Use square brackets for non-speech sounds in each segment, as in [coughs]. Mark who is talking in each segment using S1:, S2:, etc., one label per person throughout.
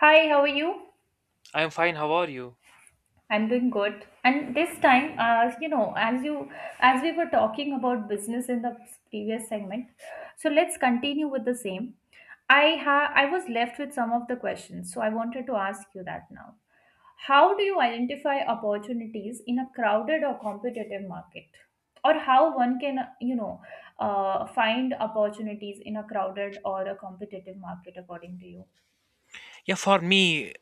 S1: Hi, how are you?
S2: I'm fine. How are you?
S1: I'm doing good. And this time, as you as we were talking about business in the previous segment, so let's continue with the same. I was left with some of the questions, so I wanted to ask you that now. How do you identify opportunities in a crowded or competitive market? Or how one can, find opportunities in a crowded or a competitive market according to you?
S2: Yeah, for me,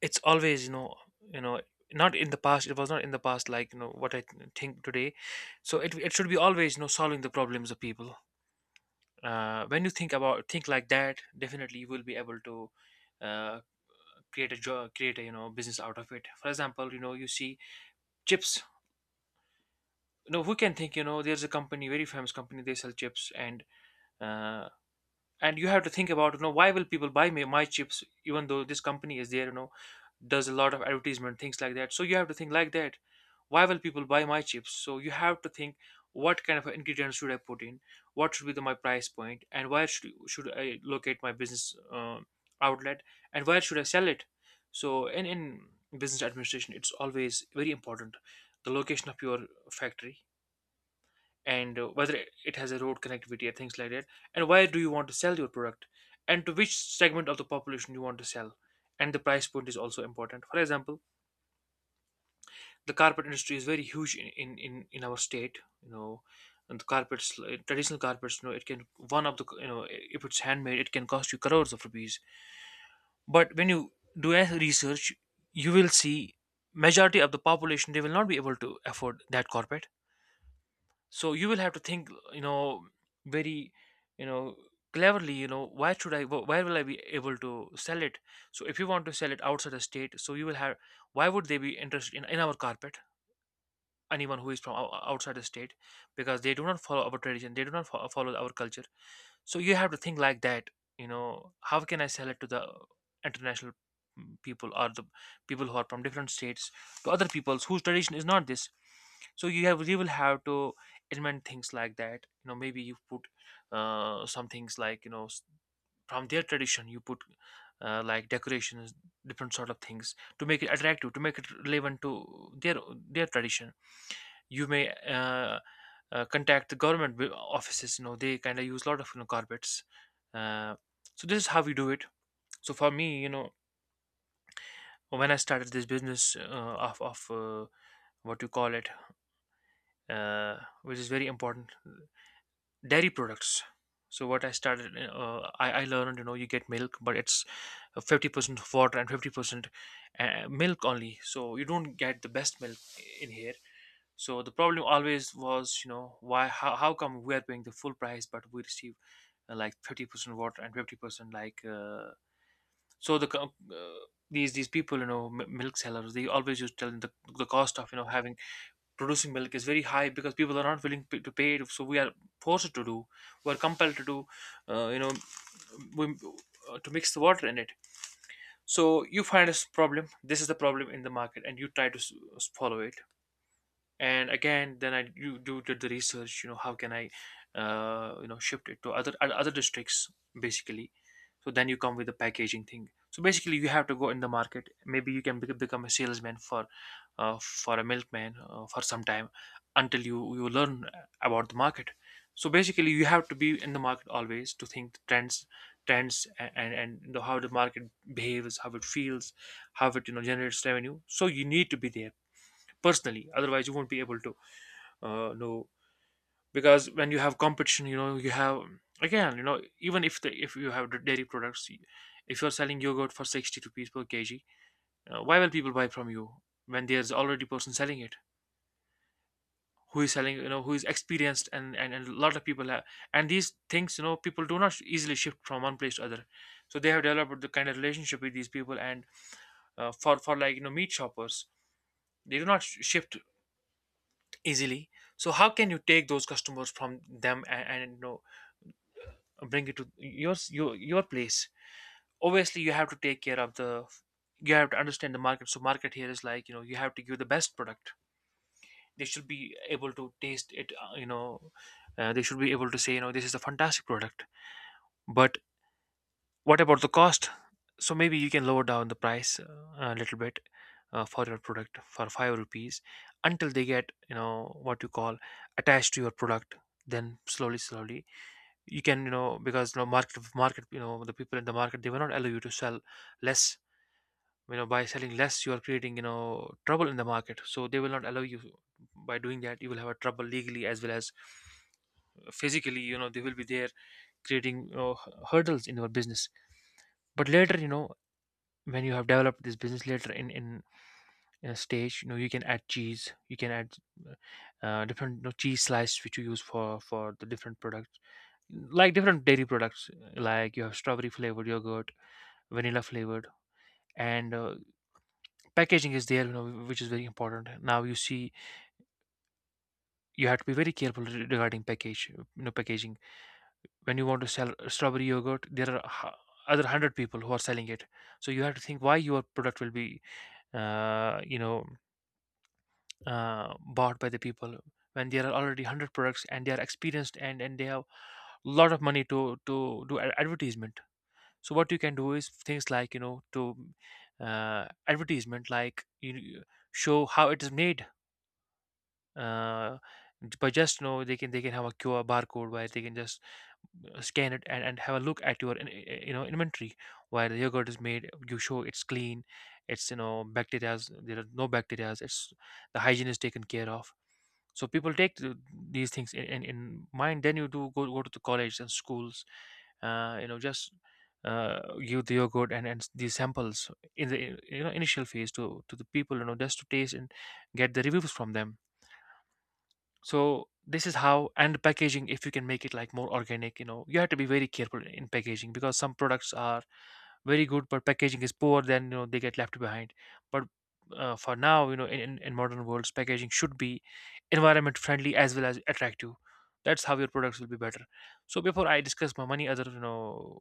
S2: it's always, you know, not in the past. It was not in the past, like you know what I think today. So it should be always, solving the problems of people. When you think about think like that, definitely you will be able to uh, create a job, create a you know business out of it. For example, you know, you see chips. You know, who can think? You know, there's a company, very famous company. They sell chips, uh, and you have to think about you know why will people buy me my chips even though this company is there, you know, does a lot of advertisement things like that. So you have to think like that, why will people buy my chips. So you have to think what kind of ingredients should I put in, what should be the, my price point, and where should I locate my business outlet, and where should I sell it. So in business administration, it's always very important the location of your factory, and whether it has a road connectivity and things like that, and why do you want to sell your product, and to which segment of the population you want to sell, and the price point is also important. For example, the carpet industry is very huge in our state, you know, and the carpets, traditional carpets, you know, it can, one of the, you know, if it's handmade, it can cost you crores of rupees. But when you do a research, you will see majority of the population, they will not be able to afford that carpet. So you will have to think, you know, very, you know, cleverly, you know, why should I where will I be able to sell it. So if you want to sell it outside the state, so you will have, why would they be interested in our carpet, anyone who is from outside the state, because they do not follow our tradition, they do not follow our culture. So you have to think like that, you know, how can I sell it to the international people, or the people who are from different states, to other peoples whose tradition is not this. So you have, you will have to invent things like that, you know, maybe you put some things like, you know, from their tradition, you put like decorations, different sort of things to make it attractive, to make it relevant to their tradition. You may contact the government offices, you know, they kind of use a lot of, you know, carpets. uh, so this is how we do it. So for me, you know, when I started this business of what you call it, uh, which is very important, dairy products. So what I started, I learned, you know, you get milk, but it's 50% water and 50% milk only. So you don't get the best milk in here. So the problem always was, you know, why? How come we are paying the full price, but we receive like 50% water and 50% like. So these people, you know, milk sellers, they always used to tell them the cost of, you know, having producing milk is very high because people are not willing to pay it, so we are forced to do, we are compelled to do, uh, you know we, to mix the water in it. So you find a problem, this is the problem in the market, and you try to follow it. And again, then I do, do did the research, you know, how can I you know shift it to other other districts basically. So then you come with the packaging thing. So basically you have to go in the market, maybe you can become a salesman for a milkman for some time until you learn about the market. So basically you have to be in the market always to think the trends, and you know, how the market behaves, how it feels, how it, you know, generates revenue. So you need to be there personally, otherwise you won't be able to no, because when you have competition, you know, you have, again, you know, even if the, if you have dairy products, if you're selling yogurt for 60 rupees per kg, why will people buy from you when there's already person selling it, who is selling, you know, who is experienced, and a lot of people have. And these things, you know, people do not easily shift from one place to other. So they have developed the kind of relationship with these people, and for, like, you know, meat shoppers, they do not shift easily. So how can you take those customers from them, and you know, bring it to your place. Obviously you have to take care of the, you have to understand the market. So market here is like, you know, you have to give the best product, they should be able to taste it, they should be able to say, you know, this is a fantastic product. But what about the cost? So maybe you can lower down the price a little bit, for your product for 5 rupees, until they get, you know what you call, attached to your product. Then slowly slowly you can, you know, because you know, market, you know, the people in the market, they will not allow you to sell less. You know, by selling less, you are creating, you know, trouble in the market, so they will not allow you. By doing that, you will have a trouble legally as well as physically, you know, they will be there creating, you know, hurdles in your business. But later, you know, when you have developed this business later in a stage, you know, you can add cheese, you can add different, you know, cheese slices which you use for the different products, like different dairy products, like you have strawberry flavored yogurt, vanilla flavored, and packaging is there, you know, which is very important. Now you see, you have to be very careful regarding package, you know, packaging. When you want to sell strawberry yogurt, there are other 100 people who are selling it. So you have to think why your product will be uh, you know bought by the people when there are already 100 products, and they are experienced, and they have a lot of money to do advertisement. So what you can do is things like, you know, to advertisement, like you show how it is made. uh, but just, you know, they can have a QR barcode where they can just scan it, and have a look at your you know inventory, where the yogurt is made, you show it's clean, it's, you know, bacteria, there are no bacteria, it's, the hygiene is taken care of. So people take these things in mind. Then you do go to the college and schools, you know, just uh, give the yogurt, and these samples in the you know initial phase to the people, you know, just to taste and get the reviews from them. So this is how. And packaging, if you can make it like more organic, you know, you have to be very careful in packaging, because some products are very good, but packaging is poor, then you know they get left behind. But for now, you know, in modern worlds, packaging should be environment friendly as well as attractive. That's how your products will be better. So before I discuss my many other, you know,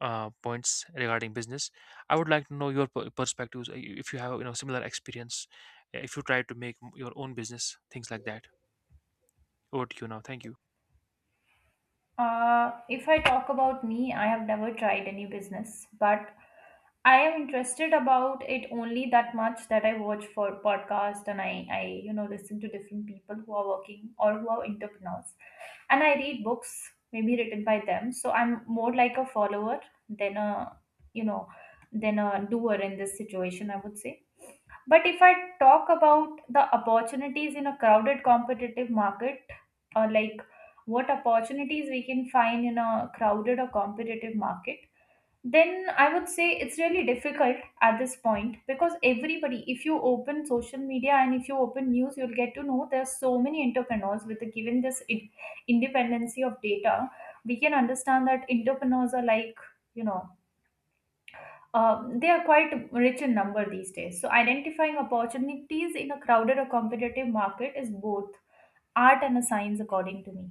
S2: points regarding business, I would like to know your perspectives. If you have, you know, similar experience, if you try to make your own business, things like that. Over to you now. Thank you.
S1: If I talk about me, I have never tried any business, but I am interested about it only that much that I watch for podcast and I you know listen to different people who are working or who are entrepreneurs, and I read books maybe written by them. So I'm more like a follower than a you know than a doer in this situation, I would say. But if I talk about the opportunities in a crowded competitive market, or like what opportunities we can find in a crowded or competitive market, then I would say it's really difficult at this point because everybody, if you open social media and if you open news, you'll get to know there's so many entrepreneurs with the given this independency of data. We can understand that entrepreneurs are like, you know, they are quite rich in number these days. So, identifying opportunities in a crowded or competitive market is both art and a science, according to me.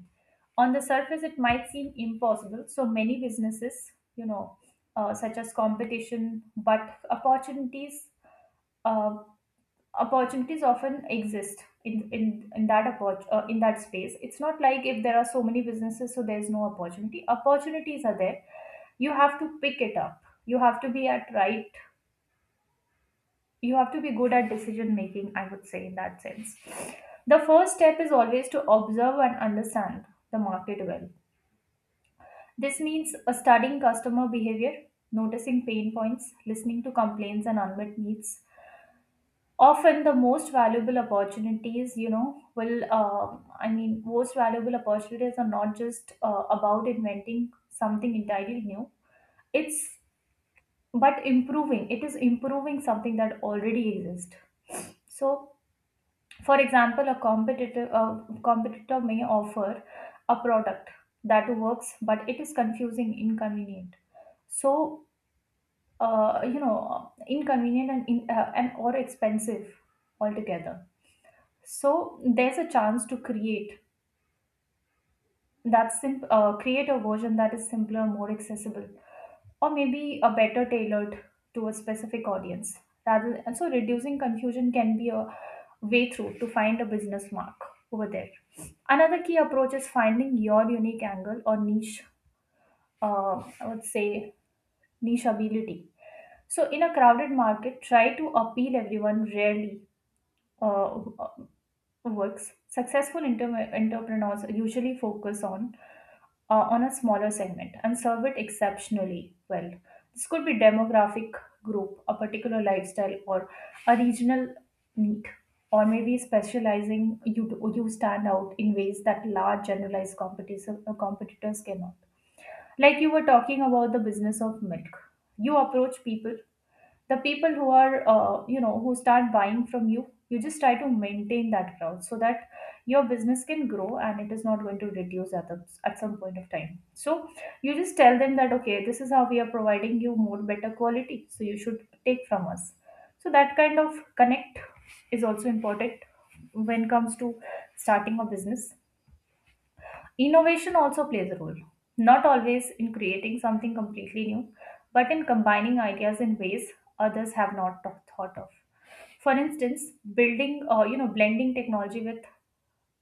S1: On the surface, it might seem impossible. So, many businesses, you know, such as competition, but opportunities. Uh, opportunities often exist in that in that space. It's not like if there are so many businesses, so there's no opportunity. Opportunities are there. You have to pick it up. You have to be good at decision making, I would say in that sense. The first step is always to observe and understand the market well. This means studying customer behavior, noticing pain points, listening to complaints and unmet needs. Often the most valuable opportunities you know will I mean most valuable opportunities are not just about inventing something entirely new. It's but improving, it is improving something that already exists. So for example, a competitor may offer a product that works, but it is confusing, inconvenient. So, you know, inconvenient and, in, and or expensive altogether. So, there's a chance to create create a version that is simpler, more accessible, or maybe a better tailored to a specific audience rather, and so reducing confusion can be a way through to find a business mark over there. Another key approach is finding your unique angle or niche, I would say niche ability. So in a crowded market, try to appeal everyone rarely uh, works. Successful entrepreneurs usually focus on a smaller segment and serve it exceptionally well. This could be demographic group, a particular lifestyle, or a regional need, or maybe specializing, you stand out in ways that large generalized competitors cannot. Like you were talking about the business of milk, you approach people, the people who are you know who start buying from you, you just try to maintain that crowd so that your business can grow and it is not going to reduce at some point of time. So you just tell them that okay, this is how we are providing you more better quality, so you should take from us. So that kind of connect is also important when it comes to starting a business. Innovation also plays a role, not always in creating something completely new, but in combining ideas in ways others have not tho- thought of. For instance, building, you know, blending technology with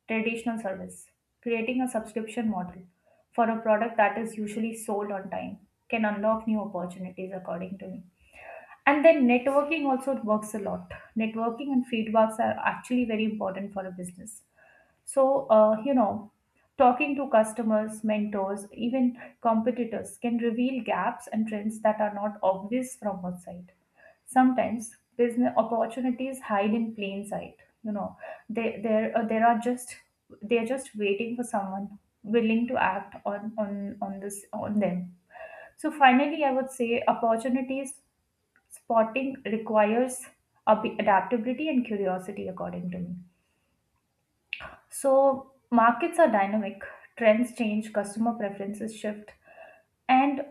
S1: traditional service, creating a subscription model for a product that is usually sold on time can unlock new opportunities, according to me. And then networking also works a lot. Networking and feedbacks are actually very important for a business. So, you know, talking to customers, mentors, even competitors can reveal gaps and trends that are not obvious from outside. Sometimes business opportunities hide in plain sight. You know, they there there are just, they're just waiting for someone willing to act on this on them. So finally, I would say opportunities spotting requires adaptability and curiosity, according to me. So, markets are dynamic, trends change, customer preferences shift, and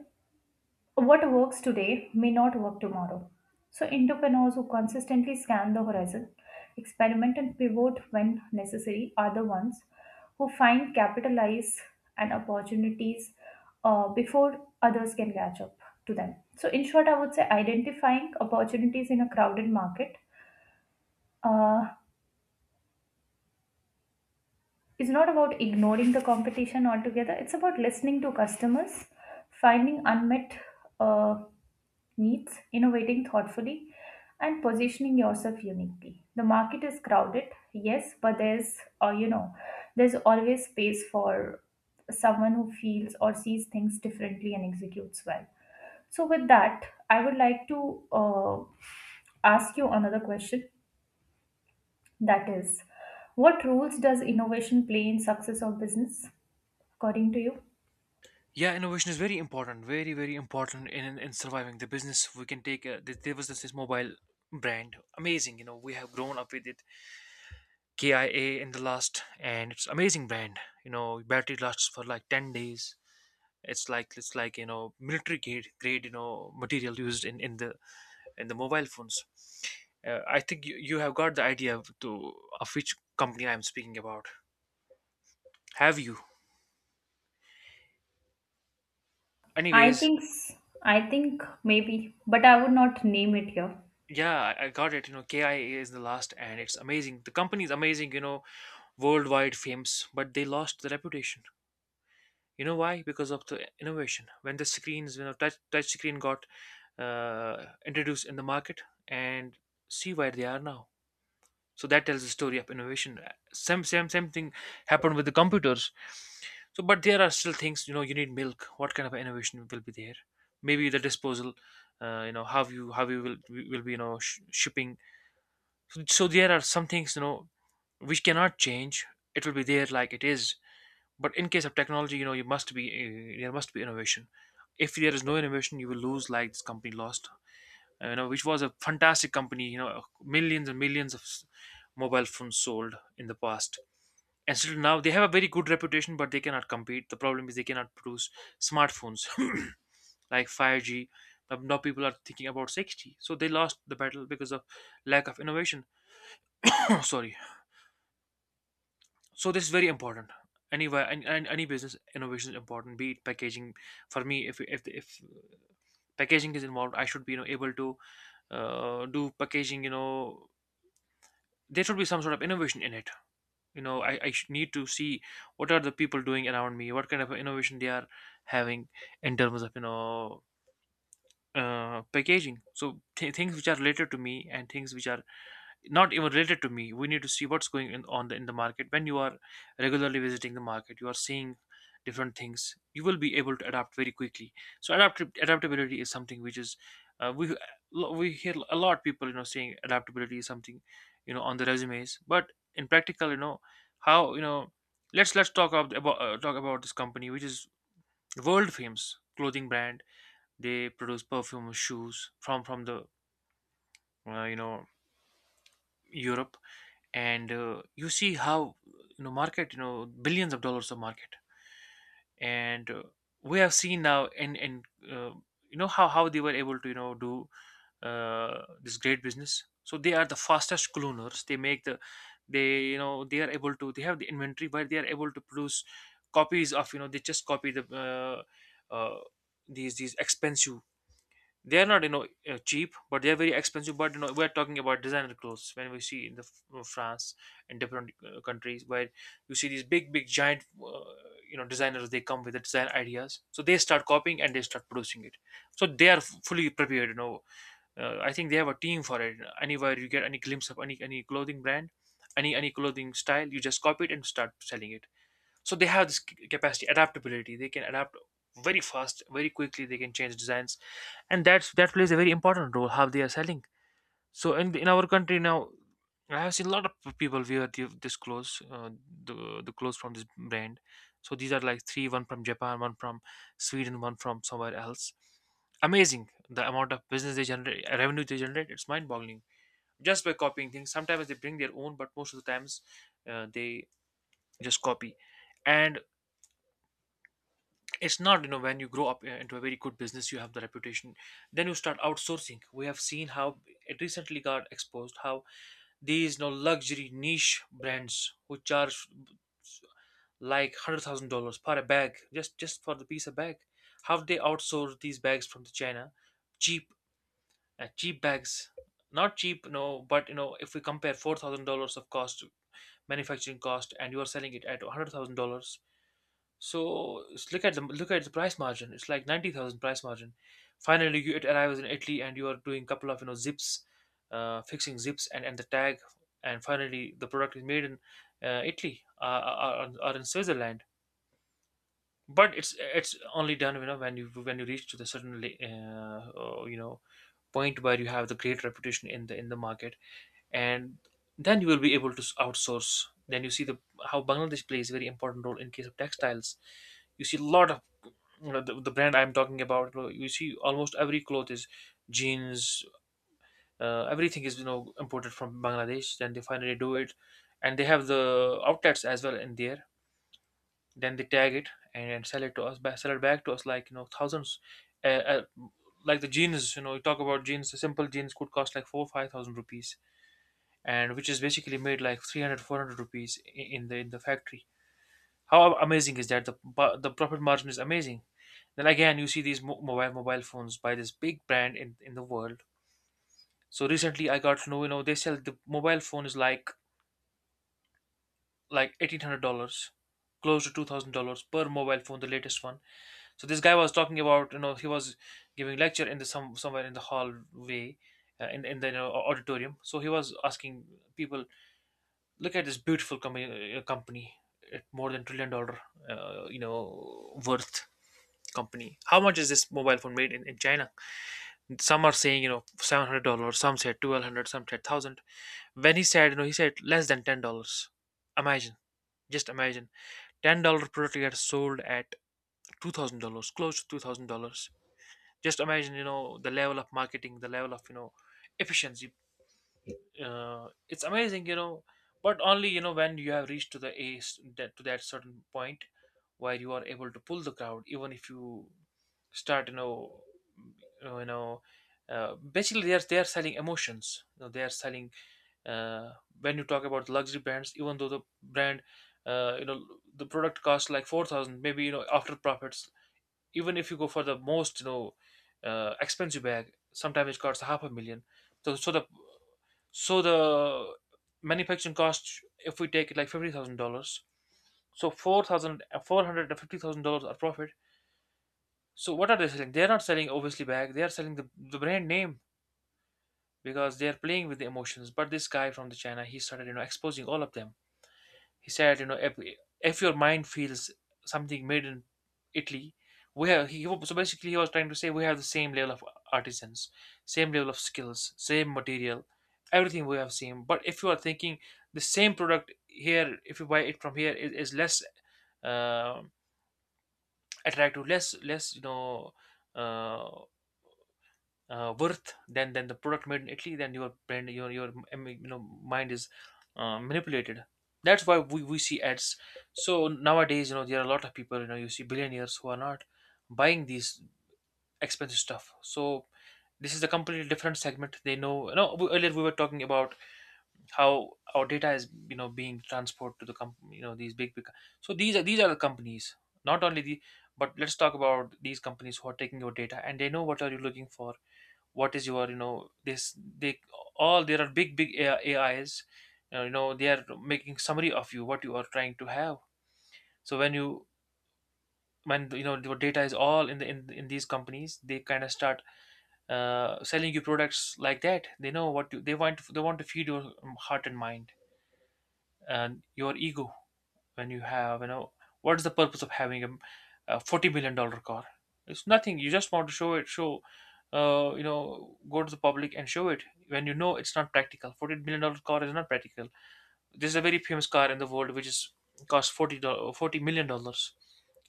S1: what works today may not work tomorrow. So, entrepreneurs who consistently scan the horizon, experiment, and pivot when necessary are the ones who find, capitalize and opportunities before others can catch up to them. So, in short, I would say identifying opportunities in a crowded market, uh, it's not about ignoring the competition altogether, it's about listening to customers, finding unmet uh, needs, innovating thoughtfully, and positioning yourself uniquely. The market is crowded, yes, but there's uh, you know there's always space for someone who feels or sees things differently and executes well. So with that, I would like to uh, ask you another question, that is, what roles does innovation play in success of business according to you?
S2: Yeah, innovation is very important, very very important in surviving the business. We can take a, there was this mobile brand, amazing. You know, we have grown up with it. KIA in the last, and it's amazing brand. You know, battery lasts for like 10 days. It's like you know military grade you know material used in the mobile phones. I think you have got the idea of, to of which company I'm speaking about. Have you?
S1: I
S2: Anyways,
S1: think s- I think maybe but I would not name it here.
S2: yeah, I got it. You know, KIA is the last, and it's amazing. The company is amazing, you know, worldwide famous, but they lost the reputation. You know why? Because of the innovation. When the screens, you know, touch screen got introduced in the market, and see where they are now. So that tells the story of innovation. Same thing happened with the computers. So, but there are still things, you know, you need milk. What kind of innovation will be there? Maybe the disposal, you know, how you will be, you know, shipping. So there are some things, you know, which cannot change. It will be there like it is. But in case of technology, you know, you must be, there must be innovation. If there is no innovation, you will lose like this company lost. You know, which was a fantastic company. You know, millions and millions of mobile phones sold in the past, and still now they have a very good reputation, but they cannot compete. The problem is they cannot produce smartphones [coughs] [clears throat] like 5G. Now people are thinking about 6G, so they lost the battle because of lack of innovation. [coughs] [clears throat] Sorry. So this is very important anywhere, and any business, innovation is important, be it packaging. For me, if packaging is involved, I should be, you know, able to do packaging. You know, there should be some sort of innovation in it. You know, I should need to see what are the people doing around me, what kind of innovation they are having in terms of, you know, packaging. So things which are related to me, and things which are not even related to me, we need to see what's going in the market. When you are regularly visiting the market, you are seeing different things. You will be able to adapt very quickly. So adaptability is something which is, uh, we we hear a lot of people, you know, saying adaptability is something, you know, on the resumes, but in practical, you know, how, you know, let's talk about this company which is world famous clothing brand. They produce perfume, shoes, from the, you know, Europe. And you see how, you know, market, you know, billions of dollars of market. And we have seen now, and uh, you know, how they were able to, you know, do this great business. So they are the fastest cloners. They make the — they, you know, they are able to — they have the inventory, but they are able to produce copies of, you know, they just copy the, uh, these expensive — they are not, you know, cheap, but they are very expensive. But you know, we're talking about designer clothes, when we see in the France and different countries, where you see these big giant, you know, designers, they come with the design ideas, so they start copying and they start producing it. So they are fully prepared, you know. I think they have a team for it. Anywhere you get any glimpse of any clothing brand, any clothing style, you just copy it and start selling it. So they have this capacity, adaptability. They can adapt very fast, very quickly. They can change designs, and that plays a very important role, how they are selling. So in our country now, I have seen a lot of people wear this clothes, the clothes from this brand. So these are like three: one from Japan, one from Sweden, one from somewhere else. Amazing, the amount of business they generate, revenue they generate. It's mind-boggling. Just by copying things, sometimes they bring their own, but most of the times, they just copy. And it's not, you know, when you grow up into a very good business, you have the reputation, then you start outsourcing. We have seen how it recently got exposed, how these, you know, luxury niche brands who charge like $100,000 per a bag, just for the piece of bag, how they outsource these bags from the China — cheap, cheap bags. Not cheap, no, but you know, if we compare $4,000 of cost, manufacturing cost, and you are selling it at $100,000, so look at the price margin. It's like 90,000 price margin. Finally, you — it arrives in Italy, and you are doing a couple of, you know, zips, fixing zips, and the tag, and finally the product is made in Italy, or in Switzerland. But it's only done, you know, when you, when you reach to the certain you know, point where you have the great reputation in the market, and then you will be able to outsource. Then you see the how Bangladesh plays a very important role in case of textiles. You see a lot of, you know, the brand I'm talking about, you know, you see almost every cloth is jeans. Everything is, you know, imported from Bangladesh. Then they finally do it, and they have the outlets as well in there. Then they tag it, and sell it to us, sell it back to us like, you know, thousands. Uh, uh, like the jeans, you know, you talk about jeans. The simple jeans could cost like four five thousand rupees, and which is basically made like 300 400 rupees in the factory. How amazing is that? The the profit margin is amazing. Then again, you see these mobile phones by this big brand in the world. So recently, I got to know, you know, they sell the mobile phone is like $1,800, close to $2,000 per mobile phone, the latest one. So this guy was talking about, you know, he was giving lecture in the some somewhere in the hallway, in the you know, auditorium. So he was asking people, look at this beautiful company, company at more than trillion dollar, you know, worth company. How much is this mobile phone made in China? Some are saying, you know, $700, some said 1,200, some said thousand. When he said, you know, he said less than $10. Imagine. Just imagine. $10 product gets sold at $2,000, close to $2,000. Just imagine, you know, the level of marketing, the level of, you know, efficiency. It's amazing, you know, but only, you know, when you have reached to the a that to that certain point where you are able to pull the crowd, even if you start, you know, you know, basically they are selling emotions. You know, they are selling. uh, when you talk about luxury brands, even though the brand, you know, the product costs like 4,000, maybe, you know, after profits. Even if you go for the most, you know, expensive bag, sometimes it costs half a million. So, so the so the manufacturing cost, if we take it like $50,000, so $450,000 are profit. So what are they selling? They're not selling obviously bag. They are selling the brand name, because they are playing with the emotions. But this guy from the China, he started, you know, exposing all of them. He said, you know, if your mind feels something made in Italy — we have — so basically, he was trying to say, we have the same level of artisans, same level of skills, same material, everything we have same. But if you are thinking the same product here, if you buy it from here, is less, uh, attractive, less you know, uh, worth than the product made in Italy, then your brand, you know, mind is manipulated. That's why we see ads. So nowadays, you know, there are a lot of people, you know, you see billionaires who are not buying these expensive stuff. So this is a completely different segment. They know. You know, earlier we were talking about how our data is, you know, being transported to the you know, these big. So these are the companies. Not only but let's talk about these companies who are taking your data, and they know what are you looking for, what is your, you know — this, they all — there are big AI, ais, you know, they are making summary of you, what you are trying to have. So when you, when you know your data is all in the in these companies, they kind of start selling you products like that. They know what they want. They want to feed your heart and mind and your ego. When you have, you know, what's the purpose of having a $40 million car? It's nothing. You just want to show it show you know, go to the public and show it. When you know it's not practical, $40 million car is not practical. There's a very famous car in the world which is costs $40 million.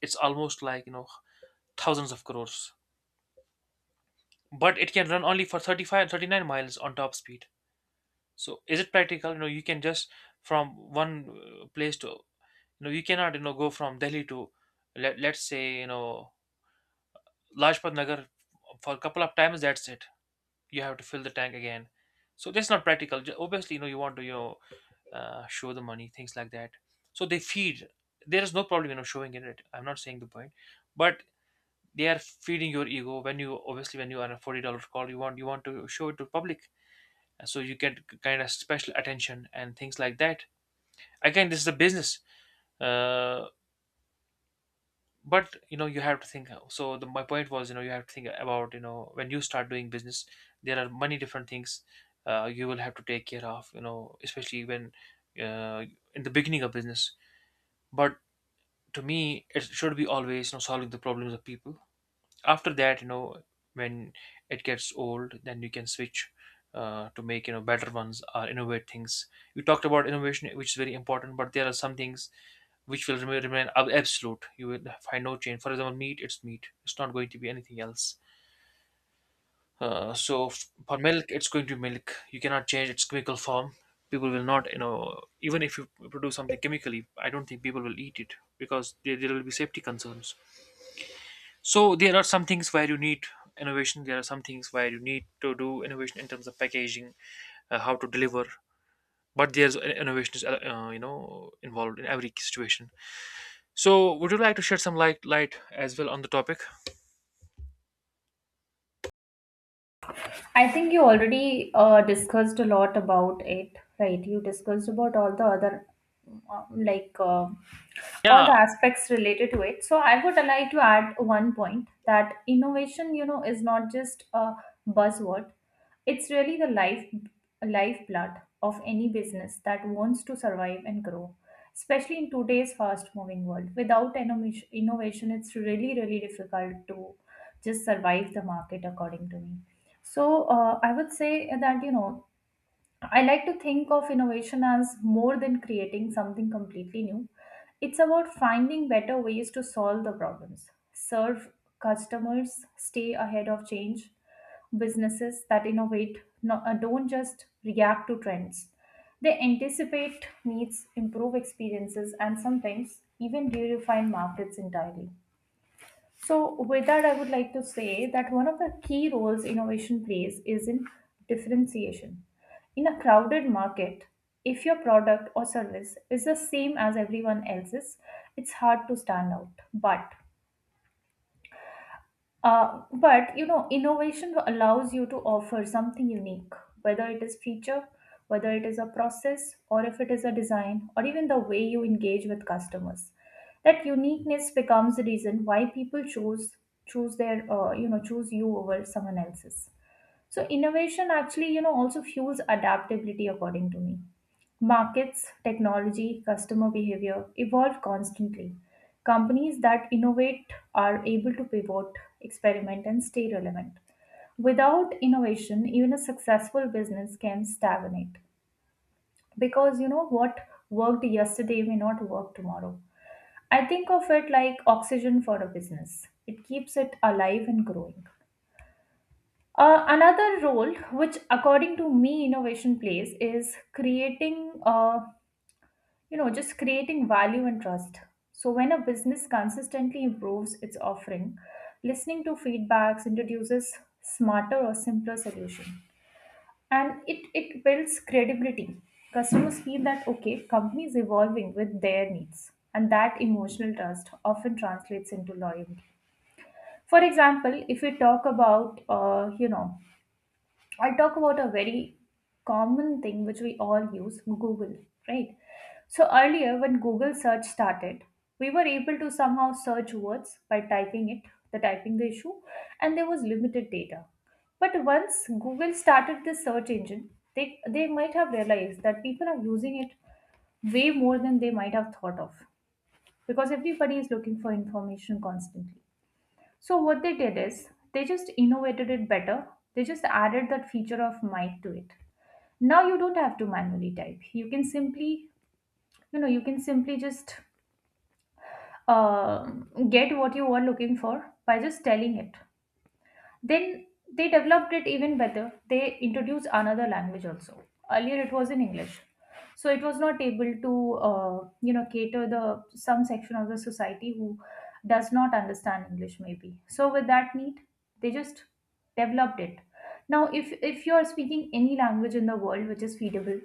S2: It's almost like, you know, thousands of crores. But it can run only for 35, 39 miles on top speed. So is it practical? You know, you can just, from one place to — you know, you cannot, you know, go from Delhi to, let's say, you know, Lajpat Nagar, for a couple of times. That's it. You have to fill the tank again. So that's not practical. Obviously, you know, you want to, you know, show the money, things like that. So they feed — there is no problem, you know, showing it. I'm not saying the point, but they are feeding your ego. When you obviously, when you are a $40 call, you want, you want to show it to public. So you get kind of special attention and things like that. Again, this is a business. uh, but you know, you have to think, so — my point was, you know, you have to think about, you know, when you start doing business, there are many different things, you will have to take care of, you know, especially when, uh, in the beginning of business. But to me, it should be always, you know, solving the problems of people. After that, you know, when it gets old, then you can switch, to make, you know, better ones, or innovate things. You talked about innovation which is very important, but there are some things which will remain absolute. You will find no change. For example, meat. It's not going to be anything else. So for milk, it's going to be milk. You cannot change its chemical form. People will not, you know, even if you produce something chemically, I don't think people will eat it because there will be safety concerns. So there are some things where you need innovation. There are some things where you need to do innovation in terms of packaging, how to deliver. But there's, innovation is, you know, involved in every situation. So, would you like to shed some light as well on the topic?
S1: I think you already discussed a lot about it, right? You discussed about all the other uh, like uh, all the
S2: Yeah,
S1: aspects related to it. So I would like to add one point that innovation, you know, is not just a buzzword, it's really the life lifeblood of any business that wants to survive and grow, especially in today's fast moving world. Without innovation, it's really really difficult to just survive the market, according to me. So I would say that you know I like to think of innovation as more than creating something completely new. It's about finding better ways to solve the problems, serve customers, stay ahead of change. Businesses that innovate don't just react to trends, they anticipate needs, improve experiences, and sometimes even redefine markets entirely. So, with that, I would like to say that one of the key roles innovation plays is in differentiation. In a crowded market, if your product or service is the same as everyone else's, it's hard to stand out. But you know, innovation allows you to offer something unique, whether it is feature, whether it is a process, or if it is a design, or even the way you engage with customers. That uniqueness becomes the reason why people choose their you know, choose you over someone else's. So innovation actually, you know, also fuels adaptability, according to me. Markets, technology, customer behavior evolve constantly. Companies that innovate are able to pivot, experiment, and stay relevant. Without innovation, even a successful business can stagnate, because you know what worked yesterday may not work tomorrow. I think of it like oxygen for a business, it keeps it alive and growing. Another role which according to me innovation plays is creating you know just creating value and trust. So when a business consistently improves its offering, listening to feedbacks, introduces smarter or simpler solution, it builds credibility. Customers feel that okay, company is evolving with their needs, and that emotional trust often translates into loyalty. For example, if we talk about, I'll talk about a very common thing which we all use, Google, right? So, earlier when Google search started, we were able to somehow search words by typing it, the typing the issue, and there was limited data. But once Google started this search engine, they might have realized that people are using it way more than they might have thought of, because everybody is looking for information constantly. So what they did is they just innovated it better. They just added that feature of might to it. Now you don't have to manually type, you can simply you know you can simply just uh, get what you are looking for by just telling it. Then they developed it even better, they introduced another language also. Earlier it was in English, so it was not able to you know cater the some section of the society who does not understand English maybe. So with that need, they just developed it. Now if you are speaking any language in the world which is feedable,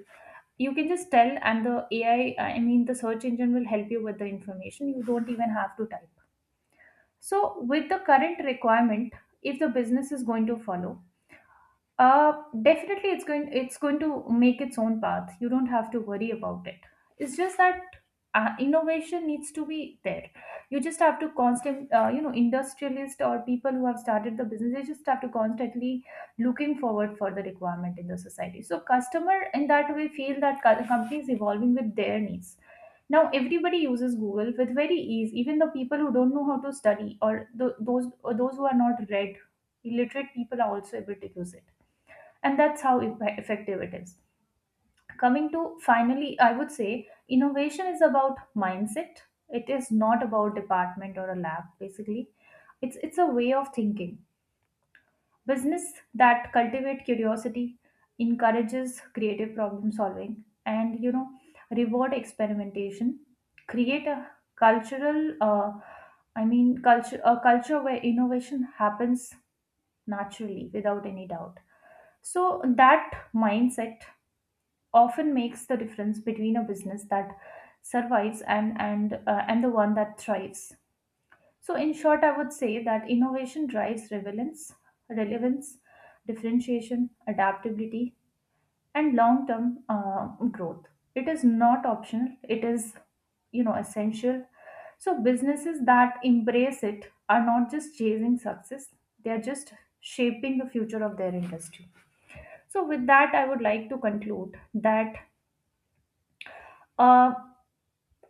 S1: you can just tell and the ai I mean the search engine will help you with the information, you don't even have to type. So with the current requirement, if the business is going to follow, definitely, it's going to make its own path. You don't have to worry about it. It's just that innovation needs to be there. You just have to you know, industrialists or people who have started the business, they just have to constantly looking forward for the requirement in the society. So customer in that way feel that company is evolving with their needs. Now everybody uses Google with very ease. Even the people who don't know how to study or those who are not read, illiterate people are also able to use it, and that's how effective it is. Coming to finally, I would say innovation is about mindset. It is not about department or a lab basically, it's a way of thinking. Business that cultivate curiosity, encourages creative problem solving, and you know reward experimentation, create a cultural I mean culture, a culture where innovation happens naturally without any doubt. So that mindset often makes the difference between a business that survives and the one that thrives. So in short, I would say that innovation drives relevance, differentiation, adaptability, and long term growth. It is not optional, it is you know essential. So businesses that embrace it are not just chasing success, they are just shaping the future of their industry. So with that, I would like to conclude that uh,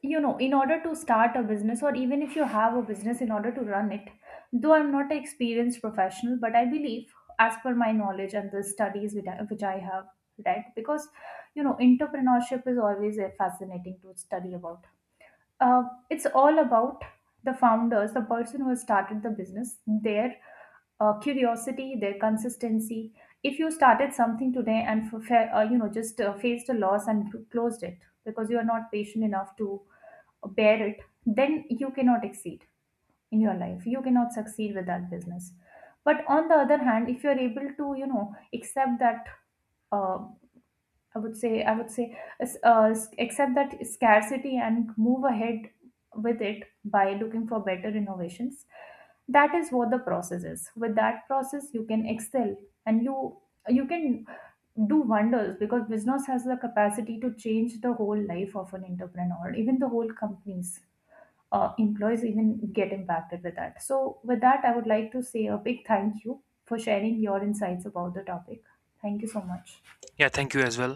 S1: you know, in order to start a business or even if you have a business in order to run it, though I'm not an experienced professional, but I believe as per my knowledge and the studies which which I have read, because you know entrepreneurship is always fascinating to study about. uh, it's all about the founders, the person who started the business, their curiosity, their consistency. If you started something today and you know just faced a loss and closed it because you are not patient enough to bear it, then you cannot exceed in your life. You cannot succeed with that business. But on the other hand, if you are able to you know accept that uh, I would say, s- s- accept that scarcity and move ahead with it by looking for better innovations. That is what the process is. With that process, you can excel and you can do wonders because business has the capacity to change the whole life of an entrepreneur. Even the whole companies, employees even get impacted with that. So, with that, I would like to say a big thank you for sharing your insights about the topic. Thank you so much.
S2: yeah. Thank you as well.